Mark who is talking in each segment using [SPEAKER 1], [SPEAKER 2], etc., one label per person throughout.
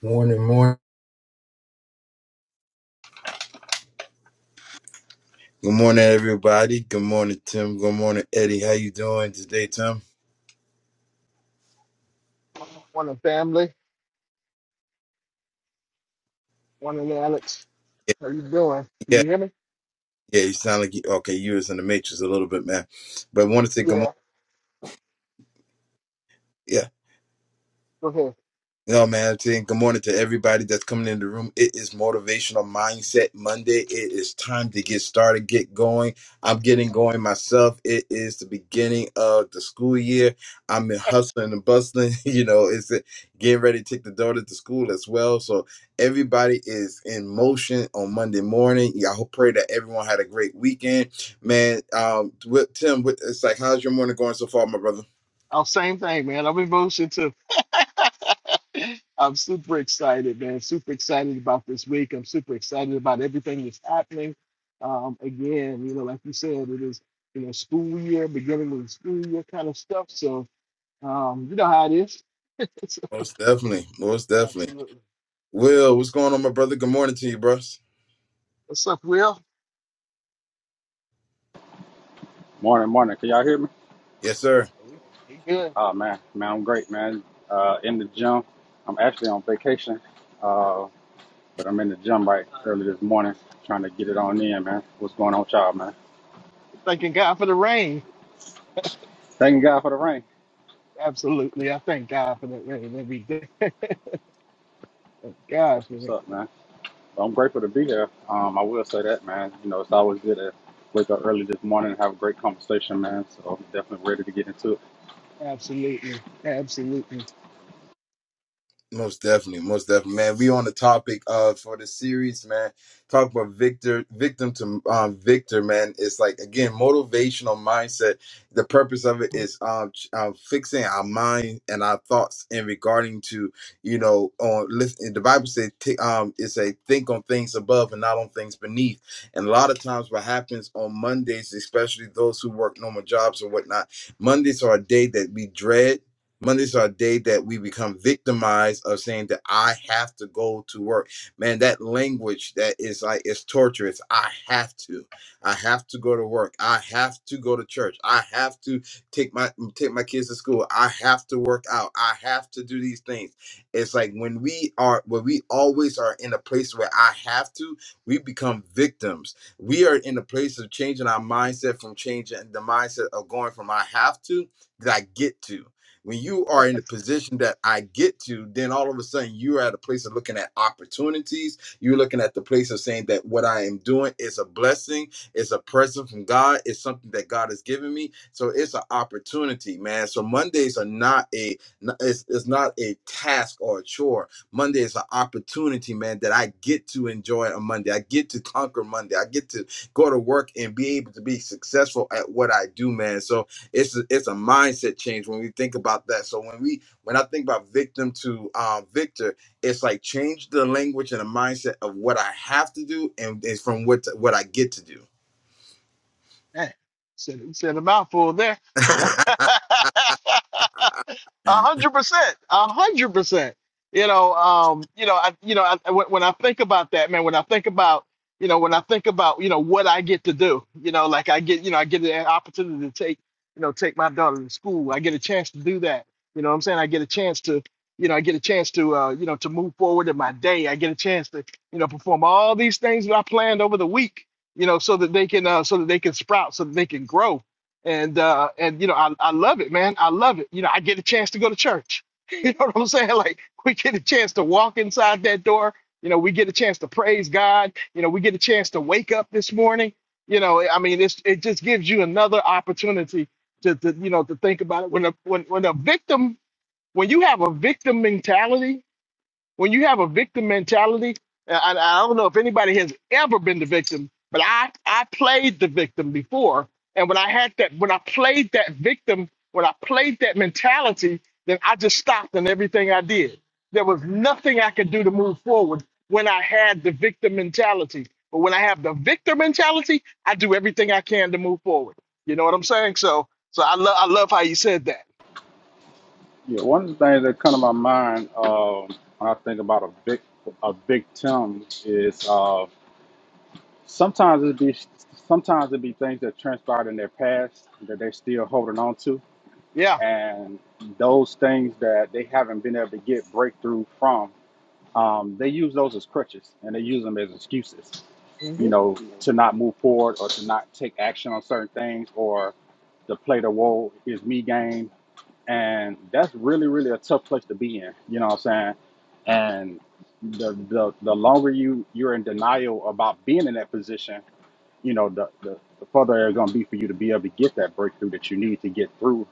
[SPEAKER 1] Morning, morning. Good morning, everybody. Good morning, Tim. Good morning, Eddie. How you doing today, Tim?
[SPEAKER 2] One Morning, family. one Morning, Alex.
[SPEAKER 1] Yeah,
[SPEAKER 2] How you doing? Can
[SPEAKER 1] yeah,
[SPEAKER 2] you hear me?
[SPEAKER 1] yeah. You sound like you okay. You was in the matrix a little bit, man. But I want to say good morning.
[SPEAKER 2] Yeah.
[SPEAKER 1] Yeah.
[SPEAKER 2] Go ahead.
[SPEAKER 1] No, man, I'm saying good morning to everybody that's coming in the room. It is Motivational Mindset Monday. It is time to get started, get going. I'm getting going myself. It is the beginning of the school year. I'm in hustling and bustling. You know, it's uh, getting ready to take the daughter to school as well. So everybody is in motion on Monday morning. Yeah, I hope pray that everyone had a great weekend, man. Um, with Tim, with, it's like, how's your morning going so far, my brother?
[SPEAKER 2] Oh, same thing, man. I'm in motion too. I'm super excited, man. Super excited about this week. I'm super excited about everything that's happening. Um, again, you know, like you said, it is you know school year, beginning of the school year kind of stuff. So um, you know how it is. So,
[SPEAKER 1] Most definitely, most definitely.
[SPEAKER 2] Absolutely.
[SPEAKER 1] Will, what's going on, my brother? Good morning to you, bros.
[SPEAKER 2] What's up, Will?
[SPEAKER 3] Morning, morning. Can y'all hear me?
[SPEAKER 1] Yes, sir.
[SPEAKER 2] You good?
[SPEAKER 3] Oh man, man, I'm great, man. Uh, in the gym. I'm actually on vacation, uh, but I'm in the gym right early this morning, trying to get it on in, man. What's going on, with y'all, man?
[SPEAKER 2] Thanking God for the rain.
[SPEAKER 3] Thanking God for the rain.
[SPEAKER 2] Absolutely. I thank God for that rain every day. Thank God
[SPEAKER 3] That's
[SPEAKER 2] for
[SPEAKER 3] what's
[SPEAKER 2] it.
[SPEAKER 3] up, man. But I'm grateful to be here. Um, I will say that, man. You know, it's always good to wake up early this morning and have a great conversation, man. So I'm definitely ready to get into it.
[SPEAKER 2] Absolutely. Absolutely.
[SPEAKER 1] Most definitely, most definitely, man. We on the topic uh for the series, man. Talk about victor, victim to um victor, man. It's like again motivational mindset. The purpose of it is um, ch- um fixing our mind and our thoughts in regarding to you know on listen. The Bible says t- um it's a think on things above and not on things beneath. And a lot of times, what happens on Mondays, especially those who work normal jobs or whatnot, Mondays are a day that we dread Mondays are a day that we become victimized of saying that I have to go to work. Man, that language that is like it's torture. It's I have to. I have to go to work. I have to go to church. I have to take my take my kids to school. I have to work out. I have to do these things. It's like when we are when we always are in a place where I have to, we become victims. We are in a place of changing our mindset from changing the mindset of going from I have to that I get to when you are in the position that I get to, then all of a sudden you're at a place of looking at opportunities. You're looking at the place of saying that what I am doing is a blessing, it's a present from God, it's something that God has given me. So it's an opportunity, man. So Mondays are not a n- it's, it's not a task or a chore. Monday is an opportunity, man, that I get to enjoy on Monday. I get to conquer Monday. I get to go to work and be able to be successful at what I do, man. So it's a, it's a mindset change when we think about that. So when we when I think about victim to um, victor, it's like change the language and the mindset of what I have to do and is from what to, what I get to do.
[SPEAKER 2] Man, said, said a mouthful there. A hundred percent, a hundred percent. You know, um, you know, I, you know, I, when when I think about that, man, when I think about, you know, when I think about, you know, what I get to do, you know, like I get, you know, I get an opportunity to take, you know, take my daughter to school. I get a chance to do that. You know what I'm saying? I get a chance to, you know, I get a chance to, uh, you know, to move forward in my day. I get a chance to, you know, perform all these things that I planned over the week, you know, so that they can, uh, so that they can sprout, so that they can grow and uh and you know I, I love it man i love it you know i get a chance to go to church you know what i'm saying like we get a chance to walk inside that door you know we get a chance to praise god you know we get a chance to wake up this morning you know i mean it's it just gives you another opportunity to, to you know to think about it when a when, when a victim when you have a victim mentality when you have a victim mentality, and I, I don't know if anybody has ever been the victim, but I I played the victim before, and when I had that, when I played that victim, when I played that mentality, then I just stopped in everything I did. There was nothing I could do to move forward when I had the victim mentality. But when I have the victor mentality, I do everything I can to move forward. You know what I'm saying? So so I love I love how you said that.
[SPEAKER 3] Yeah, one of the things that come to my mind um, when I think about a big a victim is. Uh, Sometimes it be sometimes it be things that transpired in their past that they're still holding on to,
[SPEAKER 2] Yeah.
[SPEAKER 3] and those things that they haven't been able to get breakthrough from. Um, they use those as crutches and they use them as excuses, you
[SPEAKER 2] hmm
[SPEAKER 3] know, to not move forward or to not take action on certain things or to play the woe is me game. And that's really, really a tough place to be in. You know what I'm saying? And the the, the longer you, you're in denial about being in that position, you know, the, the, the further it's going to be for you to be able to get that breakthrough that you need to get through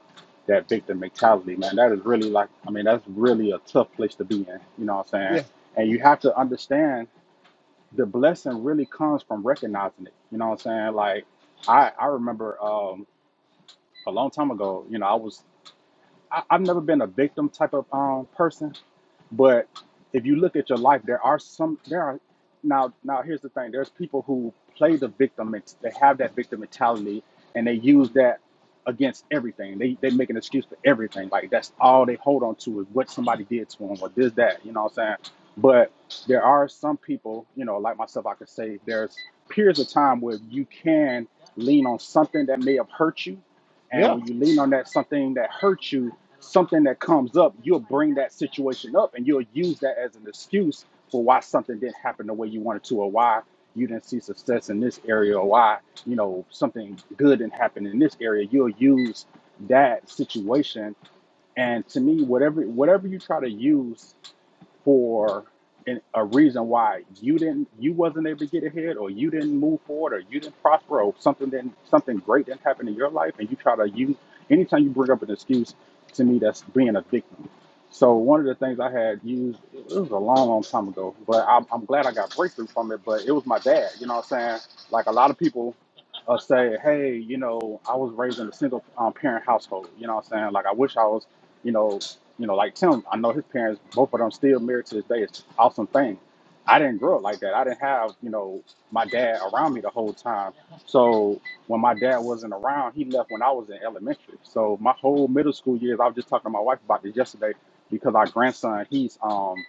[SPEAKER 3] that victim mentality, man. That is really like, I mean, that's really a tough place to be in, you know what I'm saying?
[SPEAKER 2] Yeah.
[SPEAKER 3] And you have to understand the blessing really comes from recognizing it, you know what I'm saying? Like, I, I remember um, a long time ago, you know, I was I, I've never been a victim type of um person, but if you look at your life, there are some there are now now here's the thing. There's people who play the victim. It's, they have that victim mentality, and they use that against everything. They they make an excuse for everything. Like that's all they hold on to is what somebody did to them or this that. You know what I'm saying? But there are some people, you know, like myself, I could say there's periods of time where you can lean on something that may have hurt you, and
[SPEAKER 2] Yeah.
[SPEAKER 3] when you lean on that something that hurt you, something that comes up, you'll bring that situation up and you'll use that as an excuse for why something didn't happen the way you wanted to or why you didn't see success in this area or why, you know, something good didn't happen in this area. You'll use that situation. And to me, whatever whatever you try to use for an, a reason why you didn't you wasn't able to get ahead or you didn't move forward or you didn't prosper or something didn't something great didn't happen in your life and you try to you anytime you bring up an excuse to me that's being a victim so one of the things i had used it was a long long time ago but i'm, I'm glad i got breakthrough from it but it was my dad you know what i'm saying like a lot of people uh, say hey you know i was raised in a single um, parent household you know what i'm saying like i wish i was you know you know, like Tim, I know his parents, both of them still married to this day. It's an awesome thing. I didn't grow up like that. I didn't have, you know, my dad around me the whole time. So when my dad wasn't around, he left when I was in elementary. So my whole middle school years, I was just talking to my wife about this yesterday because our grandson, he's um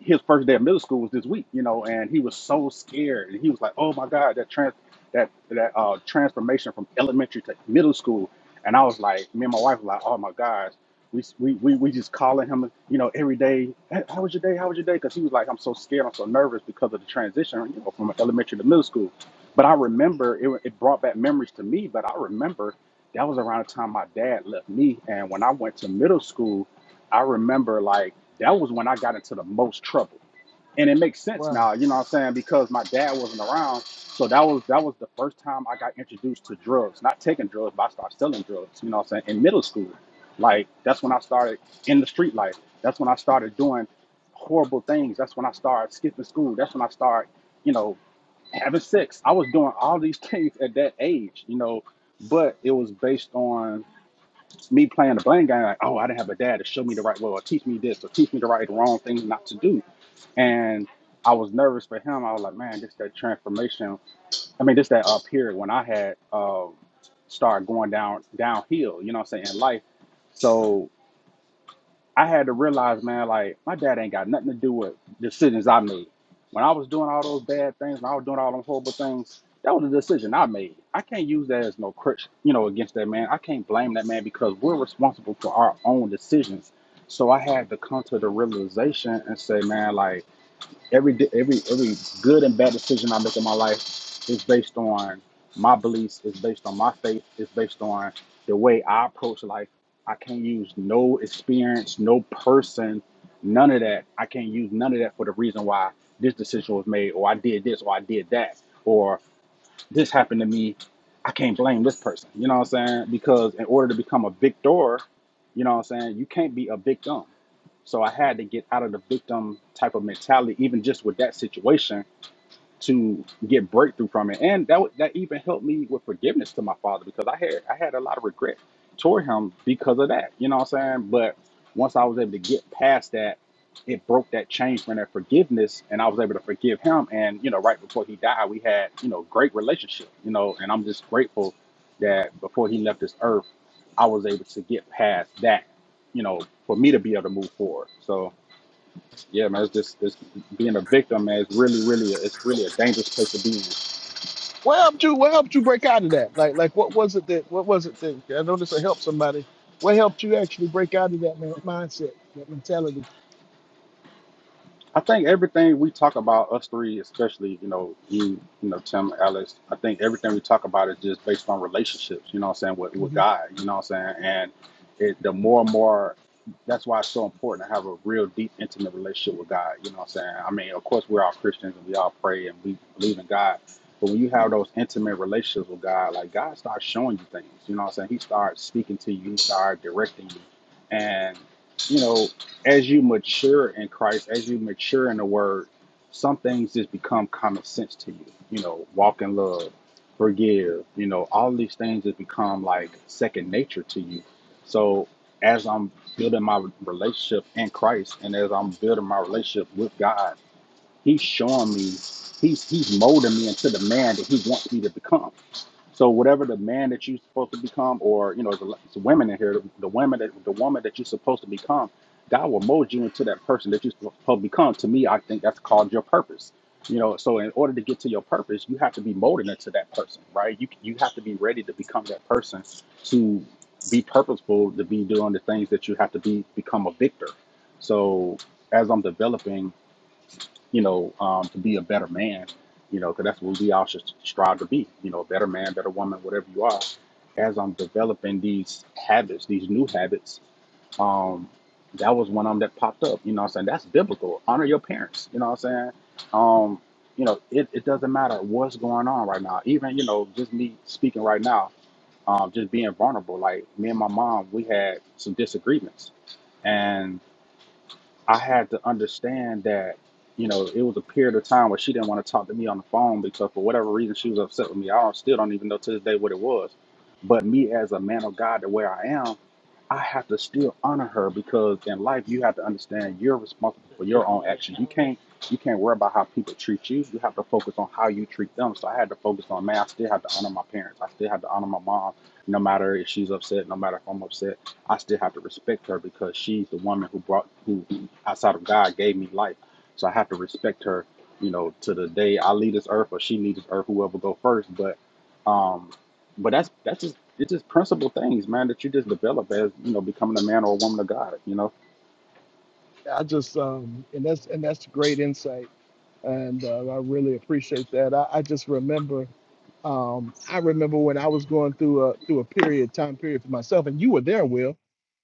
[SPEAKER 3] his first day of middle school was this week, you know, and he was so scared. And he was like, "Oh my God, that trans that that uh, transformation from elementary to middle school." And I was like, me and my wife were like, "Oh my gosh." We, we, we, we just calling him, you know, every day. Hey, how was your day? How was your day? Because he was like, I'm so scared. I'm so nervous because of the transition, you know, from elementary to middle school. But I remember it, it brought back memories to me. But I remember that was around the time my dad left me. And when I went to middle school, I remember like that was when I got into the most trouble. And it makes sense
[SPEAKER 2] Wow.
[SPEAKER 3] now, you know what I'm saying? Because my dad wasn't around. So that was that was the first time I got introduced to drugs. Not taking drugs, but I started selling drugs, you know what I'm saying, in middle school. Like that's when I started in the street life. That's when I started doing horrible things. That's when I started skipping school. That's when I started, you know, having sex. I was doing all these things at that age, you know, but it was based on me playing the blame game, like, oh, I didn't have a dad to show me the right way or teach me this or teach me the right the wrong things not to do. And I was nervous for him. I was like, man, this that transformation. I mean, this that uh, period when I had uh, started going down downhill, you know what I'm saying, in life. So I had to realize, man, like my dad ain't got nothing to do with decisions I made. When I was doing all those bad things, when I was doing all them horrible things, that was a decision I made. I can't use that as no crutch, you know, against that man. I can't blame that man because we're responsible for our own decisions. So I had to come to the realization and say, man, like every di- every every good and bad decision I make in my life is based on my beliefs, is based on my faith, is based on the way I approach life. I can't use no experience, no person, none of that. I can't use none of that for the reason why this decision was made, or I did this, or I did that, or this happened to me. I can't blame this person. You know what I'm saying? Because in order to become a victor, you know what I'm saying, you can't be a victim. So I had to get out of the victim type of mentality, even just with that situation, to get breakthrough from it. And that wa- that even helped me with forgiveness to my father because I had I had a lot of regret toward him because of that. You know what I'm saying? But once I was able to get past that, it broke that chain from that forgiveness and I was able to forgive him. And, you know, right before he died, we had, you know, great relationship, you know, and I'm just grateful that before he left this earth, I was able to get past that, you know, for me to be able to move forward. So yeah, man, it's just it's being a victim, man. It's really, really, it's really a dangerous place to be in.
[SPEAKER 2] What helped you? What helped you break out of that? Like, like what was it that? What was it that? I know this will help somebody. What helped you actually break out of that man, mindset, that mentality?
[SPEAKER 3] I think everything we talk about, us three, especially, you know, you, you know, Tim, Alex, I think everything we talk about is just based on relationships, you know what I'm saying, with, with
[SPEAKER 2] hmm
[SPEAKER 3] God, you know what I'm saying? And it, the more and more, that's why it's so important to have a real deep, intimate relationship with God, you know what I'm saying? I mean, of course, we're all Christians and we all pray and we believe in God. But when you have those intimate relationships with God, like God starts showing you things, you know what I'm saying? He starts speaking to you, he starts directing you. And, you know, as you mature in Christ, as you mature in the Word, some things just become common sense to you. You know, walk in love, forgive. You know, all these things just become like second nature to you. So as I'm building my relationship in Christ, and as I'm building my relationship with God, He's showing me, He's He's molding me into the man that He wants me to become. So whatever the man that you're supposed to become, or you know, the, the women in here, the, the women that the woman that you're supposed to become, God will mold you into that person that you're supposed to become. To me, I think that's called your purpose. You know, so in order to get to your purpose, you have to be molded into that person, right? You you have to be ready to become that person to be purposeful, to be doing the things that you have to be become a victor. So as I'm developing you know, um, to be a better man, you know, because that's what we all should strive to be, you know, a better man, better woman, whatever you are. As I'm developing these habits, these new habits, um, that was one of them that popped up. You know what I'm saying? That's biblical. Honor your parents. You know what I'm saying? Um, you know, it, it doesn't matter what's going on right now. Even, you know, just me speaking right now, um, just being vulnerable. Like me and my mom, we had some disagreements I had to understand that, you know, it was a period of time where she didn't want to talk to me on the phone because for whatever reason she was upset with me. I don't, still don't even know to this day what it was. But me as a man of God, the way I am, I have to still honor her because in life you have to understand you're responsible for your own actions. You can't you can't worry about how people treat you. You have to focus on how you treat them. So I had to focus on man, I still have to honor my parents. I still have to honor my mom, no matter if she's upset, no matter if I'm upset. I still have to respect her because she's the woman who brought who outside of God gave me life. So I have to respect her, you know, to the day I leave this earth or she leaves this earth, whoever go first. But um but that's that's just it's just principle things, man, that you just develop as, you know, becoming a man or a woman of God, you know.
[SPEAKER 2] I just um, and that's and that's great insight, and uh, I really appreciate that. I, I just remember, um, I remember when I was going through a through a period time period for myself, and you were there, Will.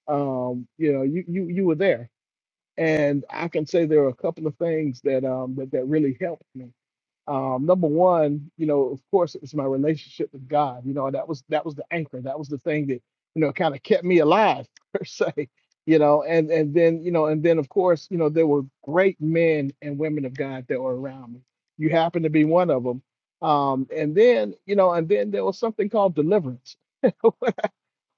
[SPEAKER 2] Um, you know, you you you were there, and I can say there are a couple of things that um that that really helped me um, number one, you know, of course, it was my relationship with God. You know, that was that was the anchor. That was the thing that you know kind of kept me alive per se. You know, and and then you know, and then of course, you know, there were great men and women of God that were around me. You happen to be one of them. Um, and then you know, and then there was something called deliverance.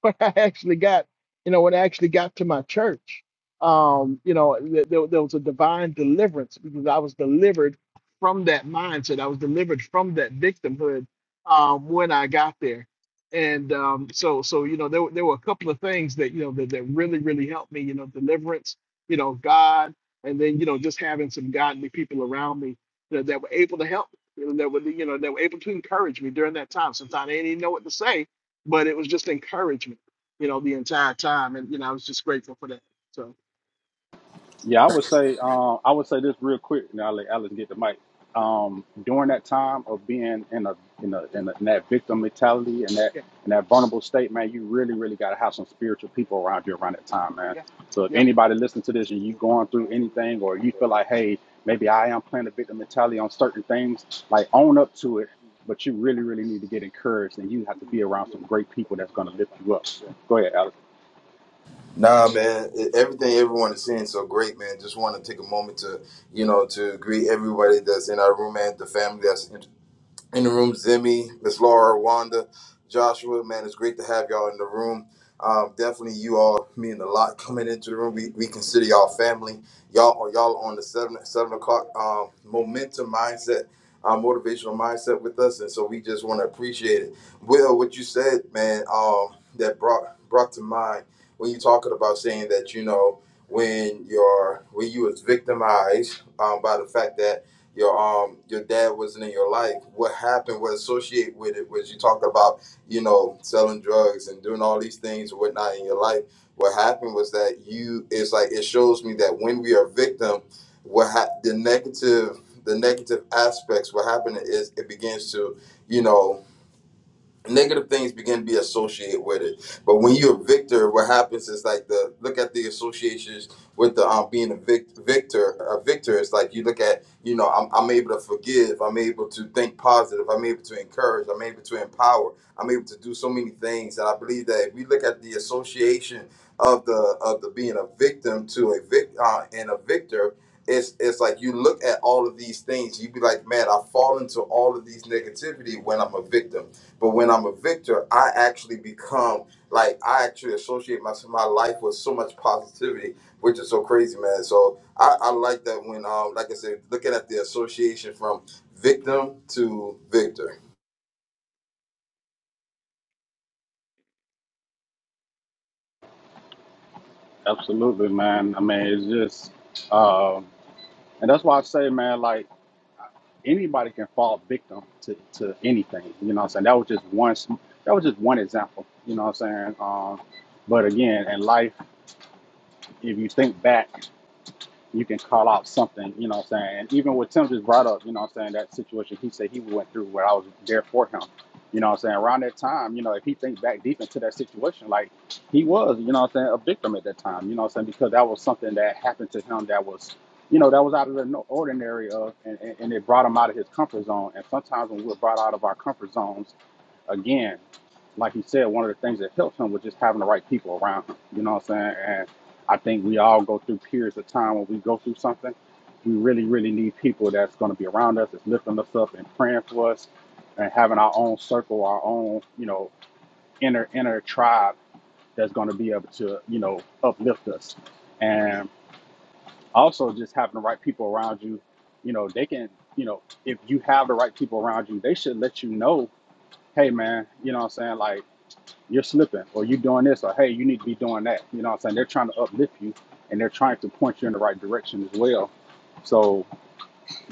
[SPEAKER 2] when I actually got, you know, when I actually got to my church, um, you know, th- there, there was a divine deliverance because I was delivered from that mindset. I was delivered from that victimhood um, when I got there. And um, so, so you know, there, were- there were a couple of things that you know that, that really, really helped me. You know, deliverance, you know, God, and then you know, just having some godly people around me that, that were able to help, me, you know, that were you know, that were able to encourage me during that time. Sometimes I didn't even know what to say, but it was just encouragement, you know, the entire time. And, you know, I was just grateful for that. So,
[SPEAKER 3] Yeah, I would say um, I would say this real quick, and I'll let Alex get the mic. Um, during that time of being in a in a, in, a, in that victim mentality and that
[SPEAKER 2] yeah,
[SPEAKER 3] and that vulnerable state, man, you really really got to have some spiritual people around you around that time, man.
[SPEAKER 2] yeah,
[SPEAKER 3] So if
[SPEAKER 2] yeah.
[SPEAKER 3] anybody listening to this and you going through anything, or you feel like, hey, maybe I am playing a victim mentality on certain things, like own up to it. But you really really need to get encouraged, and you have to be around some great people that's going to lift you up. Go ahead, Alex.
[SPEAKER 1] Nah, man, e- everything everyone is saying is so great, man. Just want to take a moment to, you know, to greet everybody that's in our room and the family that's in the room, Zimmy, Miss Laura, Wanda, Joshua. Man, it's great to have y'all in the room. Um, definitely, you all mean a lot coming into the room. We, we consider y'all family. Y'all y'all on the seven seven o'clock um, momentum mindset, uh, motivational mindset with us, and so we just want to appreciate it. Will, what you said, man, um, that brought brought to mind when you talking about saying that you know when you're when you was victimized um, by the fact that your um your dad wasn't in your life. What happened was associate with it was you talked about you know selling drugs and doing all these things and whatnot in your life. What happened was that you it's like it shows me that when we are victim, what ha- the negative the negative aspects what happened is it begins to you know negative things begin to be associated with it. But when you're a victor, what happens is like the look at the associations with the um being a vic- victor. A victor is like you look at you know I'm I'm able to forgive. I'm able to think positive. I'm able to encourage. I'm able to empower. I'm able to do so many things. And I believe that if we look at the association of the of the being a victim to a vic uh, and a victor it's it's like you look at all of these things, you be like, man, I fall into all of these negativity when I'm a victim. But when I'm a victor, I actually become like I actually associate my my life with so much positivity, which is so crazy, man. So I, I like that when um like I said, looking at the association from victim to victor.
[SPEAKER 3] Absolutely, man. I mean, it's just. And that's why I say, man, like anybody can fall victim to, to anything. You know what I'm saying? That was just one sm- that was just one example. You know what I'm saying? Um, but again, in life, if you think back you can call out something, you know what I'm saying? And even what Tim just brought up, you know what I'm saying, that situation he said he went through where I was there for him. You know what I'm saying? Around that time, you know, if he thinks back deep into that situation, like he was, you know what I'm saying, a victim at that time, you know what I'm saying? Because that was something that happened to him that was, you know, that was out of the no- ordinary of, and, and, and it brought him out of his comfort zone. And sometimes when we're brought out of our comfort zones, again, like he said, one of the things that helps him was just having the right people around him. You know what I'm saying? And I think we all go through periods of time when we go through something. We really, really need people that's going to be around us, that's lifting us up and praying for us, and having our own circle, our own, you know, inner inner tribe that's going to be able to, you know, uplift us. And also just having the right people around you. You know, they can, you know, if you have the right people around you, they should let you know, hey man, you know what I'm saying? Like you're slipping or you doing this or hey you need to be doing that you know what i'm saying they're trying to uplift you and they're trying to point you in the right direction as well so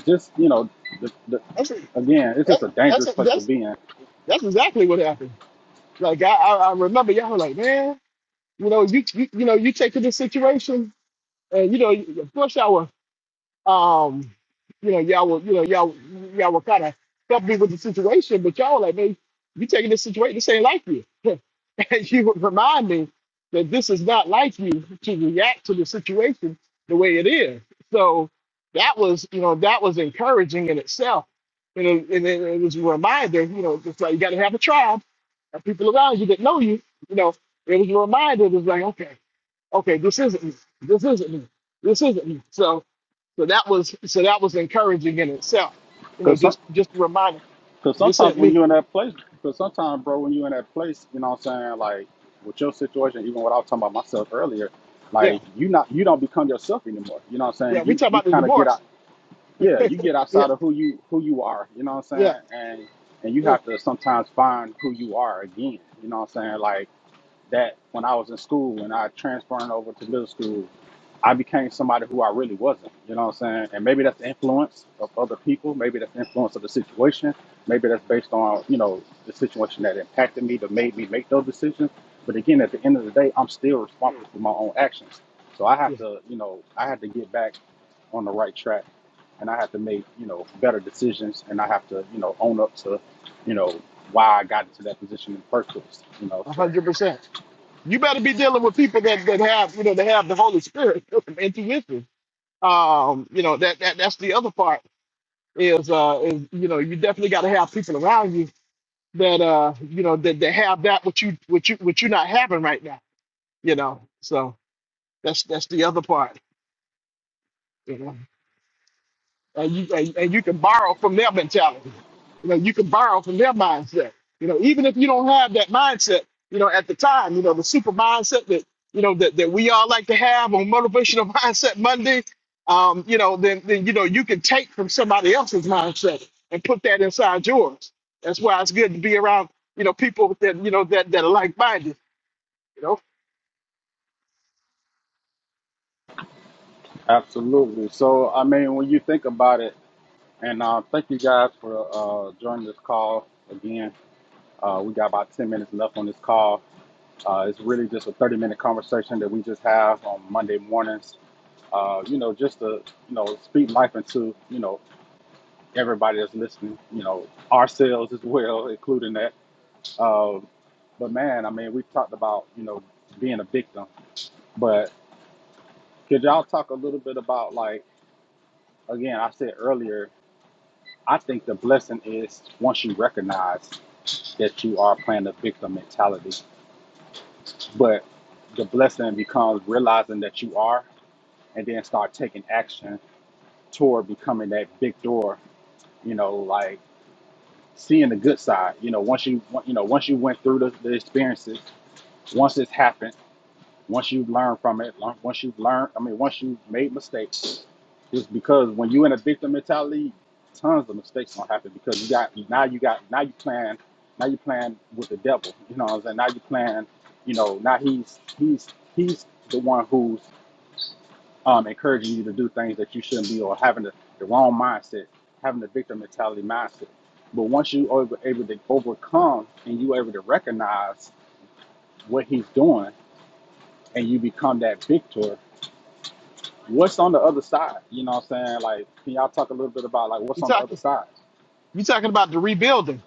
[SPEAKER 3] just you know the, the,
[SPEAKER 2] That's it.
[SPEAKER 3] again it's
[SPEAKER 2] That,
[SPEAKER 3] just a
[SPEAKER 2] that's
[SPEAKER 3] dangerous
[SPEAKER 2] it.
[SPEAKER 3] place to
[SPEAKER 2] That's
[SPEAKER 3] be in
[SPEAKER 2] that's exactly what happened. Like I, I, I remember y'all were like, man, you know, you, you you know, you take to this situation, and you know, of course y'all were Um, you know, y'all were, you know, y'all y'all were kind of comfortable with the situation, but y'all were like, man, you taking this situation, this ain't like you. and you would remind me that this is not like you to react to the situation the way it is. So that was, you know, that was encouraging in itself. And it, and it, it was a reminder, you know, just like you got to have a tribe and people around you that know you, you know, it was a reminder. It was like, okay, okay, this isn't me. This isn't me. This isn't me. So so that was so that was encouraging in itself. You know,
[SPEAKER 3] because some,
[SPEAKER 2] just just a reminder.
[SPEAKER 3] cause
[SPEAKER 2] This
[SPEAKER 3] sometimes
[SPEAKER 2] ain't
[SPEAKER 3] when
[SPEAKER 2] me.
[SPEAKER 3] you're in that place because sometimes bro when you're in that place you know what i'm saying like with your situation even what i was talking about myself earlier
[SPEAKER 2] Yeah,
[SPEAKER 3] like you not you don't become yourself anymore you know what i'm saying
[SPEAKER 2] yeah. We
[SPEAKER 3] you
[SPEAKER 2] talk
[SPEAKER 3] you
[SPEAKER 2] about the
[SPEAKER 3] kind of get
[SPEAKER 2] divorce.
[SPEAKER 3] out yeah, you get
[SPEAKER 2] Yeah,
[SPEAKER 3] outside of who you who you are, you know what I'm
[SPEAKER 2] yeah,
[SPEAKER 3] saying? And and you
[SPEAKER 2] yeah.
[SPEAKER 3] have to sometimes find who you are again. You know what I'm saying? Like that when I was in school and I transferring over to middle school, I became somebody who I really wasn't. You know what I'm saying? And maybe that's the influence of other people. Maybe that's the influence of the situation. Maybe that's based on, you know, the situation that impacted me that made me make those decisions. But again, at the end of the day, I'm still responsible for my own actions. So I
[SPEAKER 2] yeah,
[SPEAKER 3] have to, you know, I have to get back on the right track and I have to make, you know, better decisions and I have to, you know, own up to, you know, why I got into that position in the first place. You know,
[SPEAKER 2] A
[SPEAKER 3] so
[SPEAKER 2] hundred percent. You better be dealing with people that that have you know they have the Holy Spirit intuition. Um, you know that that that's the other part is uh is you know you definitely got to have people around you that uh you know that that have that what you what you what you're not having right now. You know, so that's that's the other part. and you and, and you can borrow from their mentality. You know, you can borrow from their mindset. You know, even if you don't have that mindset, you know, at the time, you know, the super mindset that you know that, that we all like to have on motivational mindset Monday, um, you know, then then you know you can take from somebody else's mindset and put that inside yours. That's why it's good to be around, you know, people that you know that that are like minded. You know,
[SPEAKER 3] Absolutely. So, I mean, when you think about it, and uh, thank you guys for uh, joining this call again. Uh, we got about 10 minutes left on this call. Uh, it's really just a 30 minute conversation that we just have on Monday mornings. Uh, you know, just to, you know, speak life into, you know, everybody that's listening, you know, ourselves as well, including that. Uh, but man, I mean, we've talked about, you know, being a victim, but could y'all talk a little bit about like, again, I said earlier, I think the blessing is once you recognize that you are playing a victim mentality, but the blessing becomes realizing that you are and then start taking action toward becoming that victor, you know, like seeing the good side. You know, once you you know, once you went through the, the experiences, once it's happened Once you've learned from it, once you've learned, I mean, once you've made mistakes, just because when you in a victim mentality, tons of mistakes gonna happen because you got now you got now you playing now you playing with the devil. You know what I'm saying? Now you playing, you know, now he's he's he's the one who's um, encouraging you to do things that you shouldn't be or having the, the wrong mindset, having the victim mentality mindset. But once you over able to overcome and you able to recognize what he's doing and you become that victor, what's on the other side? You know what I'm saying? Like, can y'all talk a little bit about like
[SPEAKER 2] you
[SPEAKER 3] what's on the other
[SPEAKER 2] talking
[SPEAKER 3] side?
[SPEAKER 2] you talking about the rebuilding.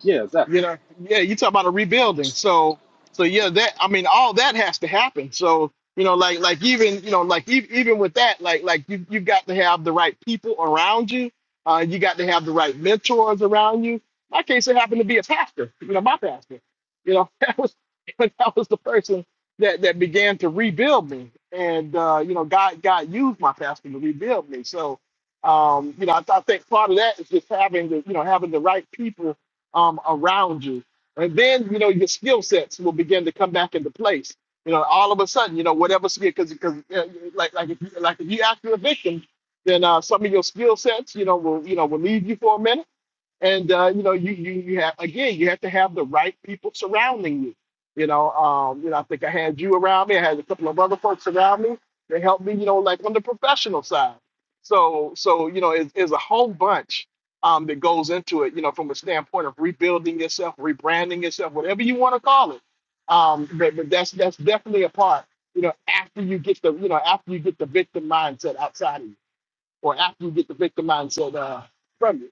[SPEAKER 3] Yeah,
[SPEAKER 2] you
[SPEAKER 3] exactly.
[SPEAKER 2] know yeah you talk about a rebuilding so so yeah that i mean all that has to happen so you know like like even you know like e- even with that like like you you've got to have the right people around you uh you got to have the right mentors around you my case it happened to be a pastor you know my pastor you know that was that was the person that that began to rebuild me and uh you know god god used my pastor to rebuild me so um you know i, I think part of that is just having the you know having the right people um, around you. And then, you know, your skill sets will begin to come back into place. You know, all of a sudden, you know, whatever skill, because because uh, like like if you, like if you after a victim, then uh, some of your skill sets, you know, will you know will leave you for a minute and uh, you know you, you you have again you have to have the right people surrounding you you know um you know i think i had you around me i had a couple of other folks around me that helped me you know like on the professional side so so you know it's, it's a whole bunch um that goes into it you know from a standpoint of rebuilding yourself rebranding yourself whatever you want to call it um but, but that's that's definitely a part you know after you get the you know after you get the victim mindset outside of you or after you get the victim mindset uh from you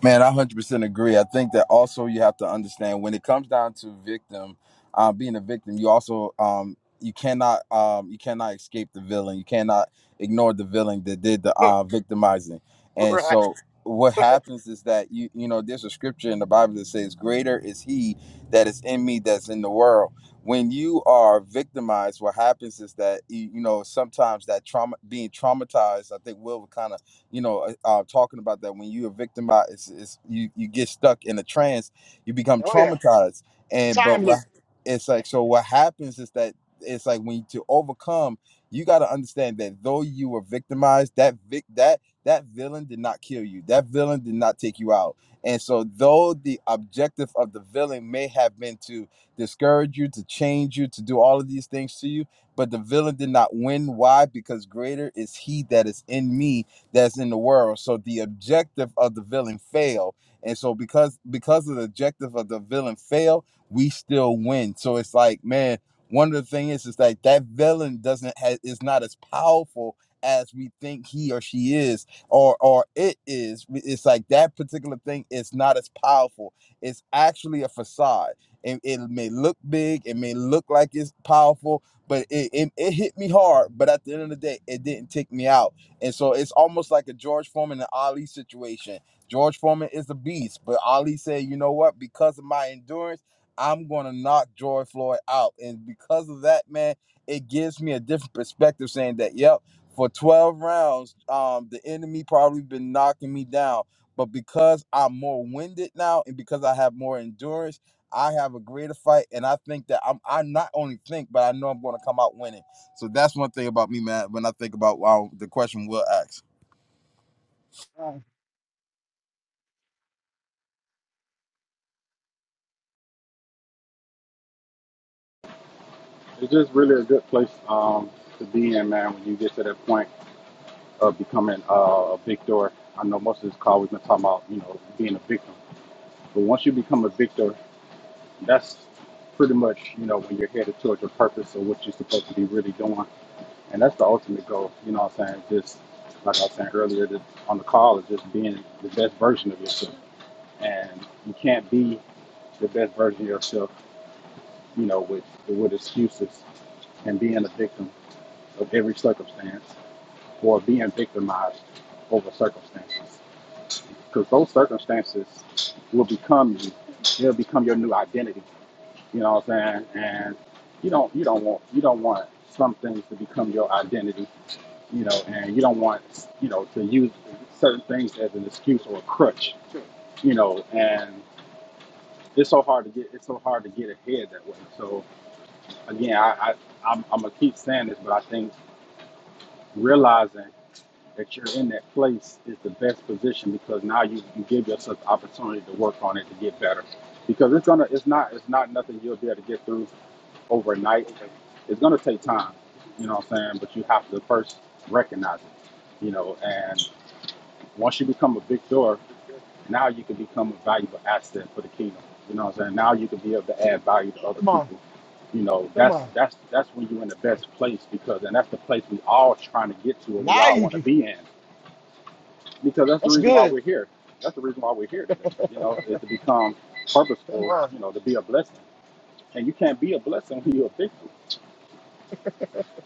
[SPEAKER 1] Man, I 100% agree. I think that also you have to understand when it comes down to victim, uh, being a victim, you also um, you cannot um, you cannot escape the villain. You cannot ignore the villain that did the uh, victimizing. And
[SPEAKER 2] right
[SPEAKER 1] so what happens is that you you know there's a scripture in the Bible that says, "Greater is He that is in me that's in the world." When you are victimized, what happens is that you, you know sometimes that trauma, being traumatized, I think will kind of you know, uh, uh, talking about that when you're victimized, it's, it's, you you get stuck in a trance, you become
[SPEAKER 2] Oh yeah,
[SPEAKER 1] traumatized,
[SPEAKER 2] the
[SPEAKER 1] and but
[SPEAKER 2] time
[SPEAKER 1] what,
[SPEAKER 2] loop.
[SPEAKER 1] it's like so what happens is that it's like when you, to overcome, you got to understand that though you were victimized, that vic that that villain did not kill you, that villain did not take you out, and so though the objective of the villain may have been to discourage you, to change you, to do all of these things to you, but the villain did not win. Why? Because greater is he that is in me that's in the world. So the objective of the villain failed. And so because because of the objective of the villain failed, we still win. So it's like, man, one of the things is, is like that villain doesn't ha is not as powerful as we think he or she is or or it is. It's like that particular thing is not as powerful. It's actually a facade. It, it may look big, it may look like it's powerful, but it, it, it hit me hard. But at the end of the day, it didn't take me out and so it's almost like a George Foreman and Ali situation. George Foreman is a beast, but Ali said, you know what? Because of my endurance, I'm going to knock George Floyd out. And because of that, man, it gives me a different perspective saying that, yep, for 12 rounds, um, the enemy probably been knocking me down. But because I'm more winded now and because I have more endurance, I have a greater fight. And I think that I'm, I not only think, but I know I'm going to come out winning. So that's one thing about me, man. When I think about wow, the question we will ask.
[SPEAKER 2] Uh,
[SPEAKER 3] It's just really a good place um, to be in, man. When you get to that point of becoming uh, a victor, I know most of this call we've been talking about, you know, being a victim. But once you become a victor, that's pretty much, you know, when you're headed towards your purpose or what you're supposed to be really doing, and that's the ultimate goal. You know what I'm saying? Just like I was saying earlier, that on the call is just being the best version of yourself. and you can't be the best version of yourself, you know, with with excuses and being a victim of every circumstance or being victimized over circumstances. Because those circumstances will become you. They'll become your new identity. You know what I'm saying? And you don't you don't want you don't want some things to become your identity. You know, and you don't want you know to use certain things as an excuse or a crutch. You know, And it's so hard to get it's so hard to get ahead that way. So again, I, I I'm, I'm gonna keep saying this, but I think realizing that you're in that place is the best position because now you, you give yourself the opportunity to work on it to get better. Because it's gonna it's not it's not nothing you'll be able to get through overnight. It's gonna take time. You know what I'm saying? But you have to first recognize it. You know, and once you become a big door Now you can become a valuable asset for the kingdom. You know what I'm saying? Now you can be able to add value to other
[SPEAKER 2] come on,
[SPEAKER 3] people. You know,
[SPEAKER 2] come
[SPEAKER 3] that's
[SPEAKER 2] on.
[SPEAKER 3] that's that's when you're in the best place because and that's the place we all trying to get to and we
[SPEAKER 2] Now
[SPEAKER 3] all
[SPEAKER 2] you
[SPEAKER 3] want to
[SPEAKER 2] can.
[SPEAKER 3] be in. Because that's the
[SPEAKER 2] That's
[SPEAKER 3] reason why
[SPEAKER 2] good.
[SPEAKER 3] we're here. That's the reason why we're here today, you know, is to become
[SPEAKER 2] Come
[SPEAKER 3] purposeful,
[SPEAKER 2] on.
[SPEAKER 3] you know, to be a blessing. And you can't be a blessing when you're a victim.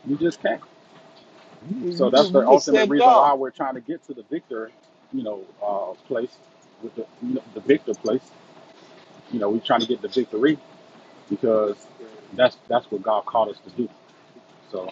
[SPEAKER 3] You just can't.
[SPEAKER 2] You,
[SPEAKER 3] So
[SPEAKER 2] you,
[SPEAKER 3] that's
[SPEAKER 2] ju-
[SPEAKER 3] the
[SPEAKER 2] you just
[SPEAKER 3] ultimate
[SPEAKER 2] said it
[SPEAKER 3] reason
[SPEAKER 2] all.
[SPEAKER 3] why we're trying to get to the victor, you know, uh, place with the, you know, the victor place. You know, we're trying to get the victory because
[SPEAKER 2] You
[SPEAKER 3] that's that's what God called us to do. So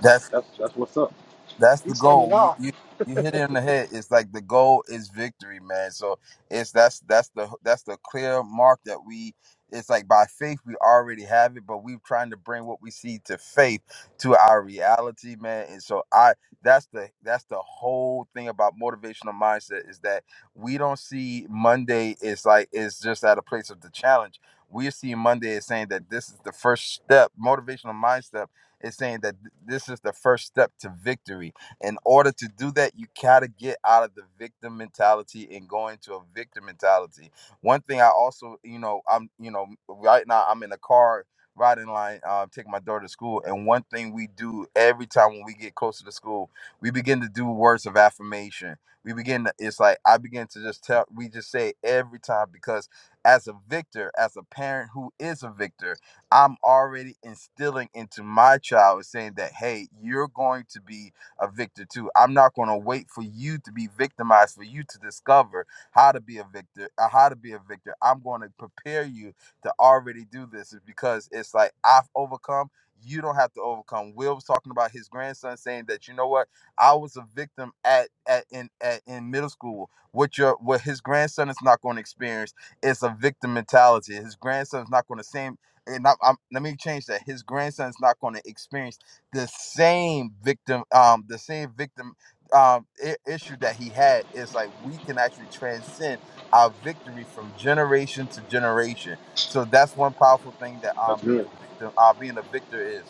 [SPEAKER 1] That's
[SPEAKER 3] that's that's what's up.
[SPEAKER 1] That's the
[SPEAKER 2] said it
[SPEAKER 1] goal. You,
[SPEAKER 2] all.
[SPEAKER 1] you you hit it in the head. It's like the goal is victory, man. So it's that's that's the that's the clear mark that we. It's like by faith we already have it, but we're trying to bring what we see to faith to our reality, man. And so I that's the that's the whole thing about motivational mindset is that we don't see Monday is like it's just at a place of the challenge. We see Monday as saying that this is the first step, motivational mindset it's saying that th- this is the first step to victory. In order to do that, you gotta get out of the victim mentality and go into a victor mentality. One thing I also, you know, I'm, you know, right now I'm in a car riding line, uh, taking my daughter to school, and one thing we do every time when we get closer to school, we begin to do words of affirmation. We begin to, it's like I begin to just tell, we just say it every time because as a victor, as a parent who is a victor I'm already instilling into my child saying that, hey, you're going to be a victor too. I'm not going to wait for you to be victimized, for you to discover how to be a victor, uh, how to be a victor. I'm going to prepare you to already do this is because it's like I've overcome. You don't have to overcome. Will was talking about his grandson saying that you know what I was a victim at at in at, in middle school. What your what his grandson is not going to experience is a victim mentality. His grandson is not going to same and I, I'm, let me change that. His grandson's not going to experience the same victim, um, the same victim um, I- issue that he had. It's like we can actually transcend our victory from generation to generation. So that's one powerful thing that um,
[SPEAKER 3] That's
[SPEAKER 1] being
[SPEAKER 3] good.
[SPEAKER 1] a victim, uh, being a victor is.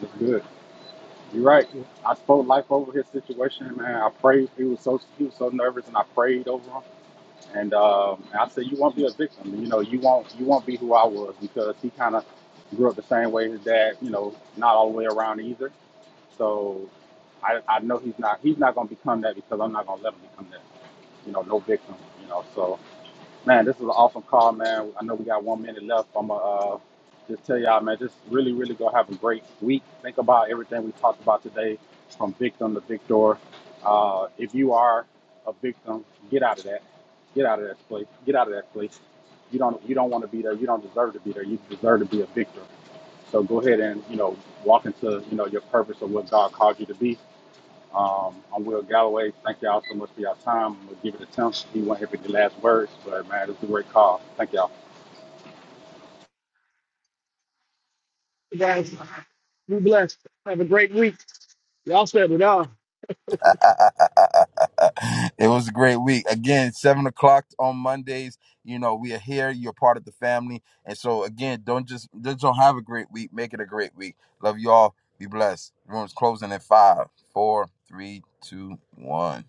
[SPEAKER 3] That's good. You're
[SPEAKER 2] That's
[SPEAKER 3] right.
[SPEAKER 2] good.
[SPEAKER 3] I spoke life over his situation, man. I prayed. He was so he was so nervous, and I prayed over him. And um, and I said, you won't be a victim. You know, you won't you won't be who I was because he kind of grew up the same way his dad. You know, not all the way around either. So I I know he's not he's not gonna become that because I'm not gonna let him become that. You know, no victim. You know, so Man, this is an awesome call, man. I know we got one minute left. I'm going to uh, just tell y'all, man, just really, really go have a great week. Think about everything we talked about today from victim to victor. Uh, if you are a victim, get out of that. Get out of that place. Get out of that place. You don't you don't want to be there. You don't deserve to be there. You deserve to be a victor. So go ahead and, you know, walk into, you know, your purpose of what God called you to be um, I'm Will Galloway. Thank y'all so much for your time. I'm gonna give it a Tim. He won't have any last words, but man, it was a great call. Thank y'all.
[SPEAKER 2] guys, be blessed. Have a great week. Y'all said it all.
[SPEAKER 1] it was a great week. Again, seven o'clock on Mondays. You know, we are here. You're part of the family. And so again, don't just just don't have a great week. Make it a great week. Love you all. Be blessed. Room's closing at five, four, three, two, one.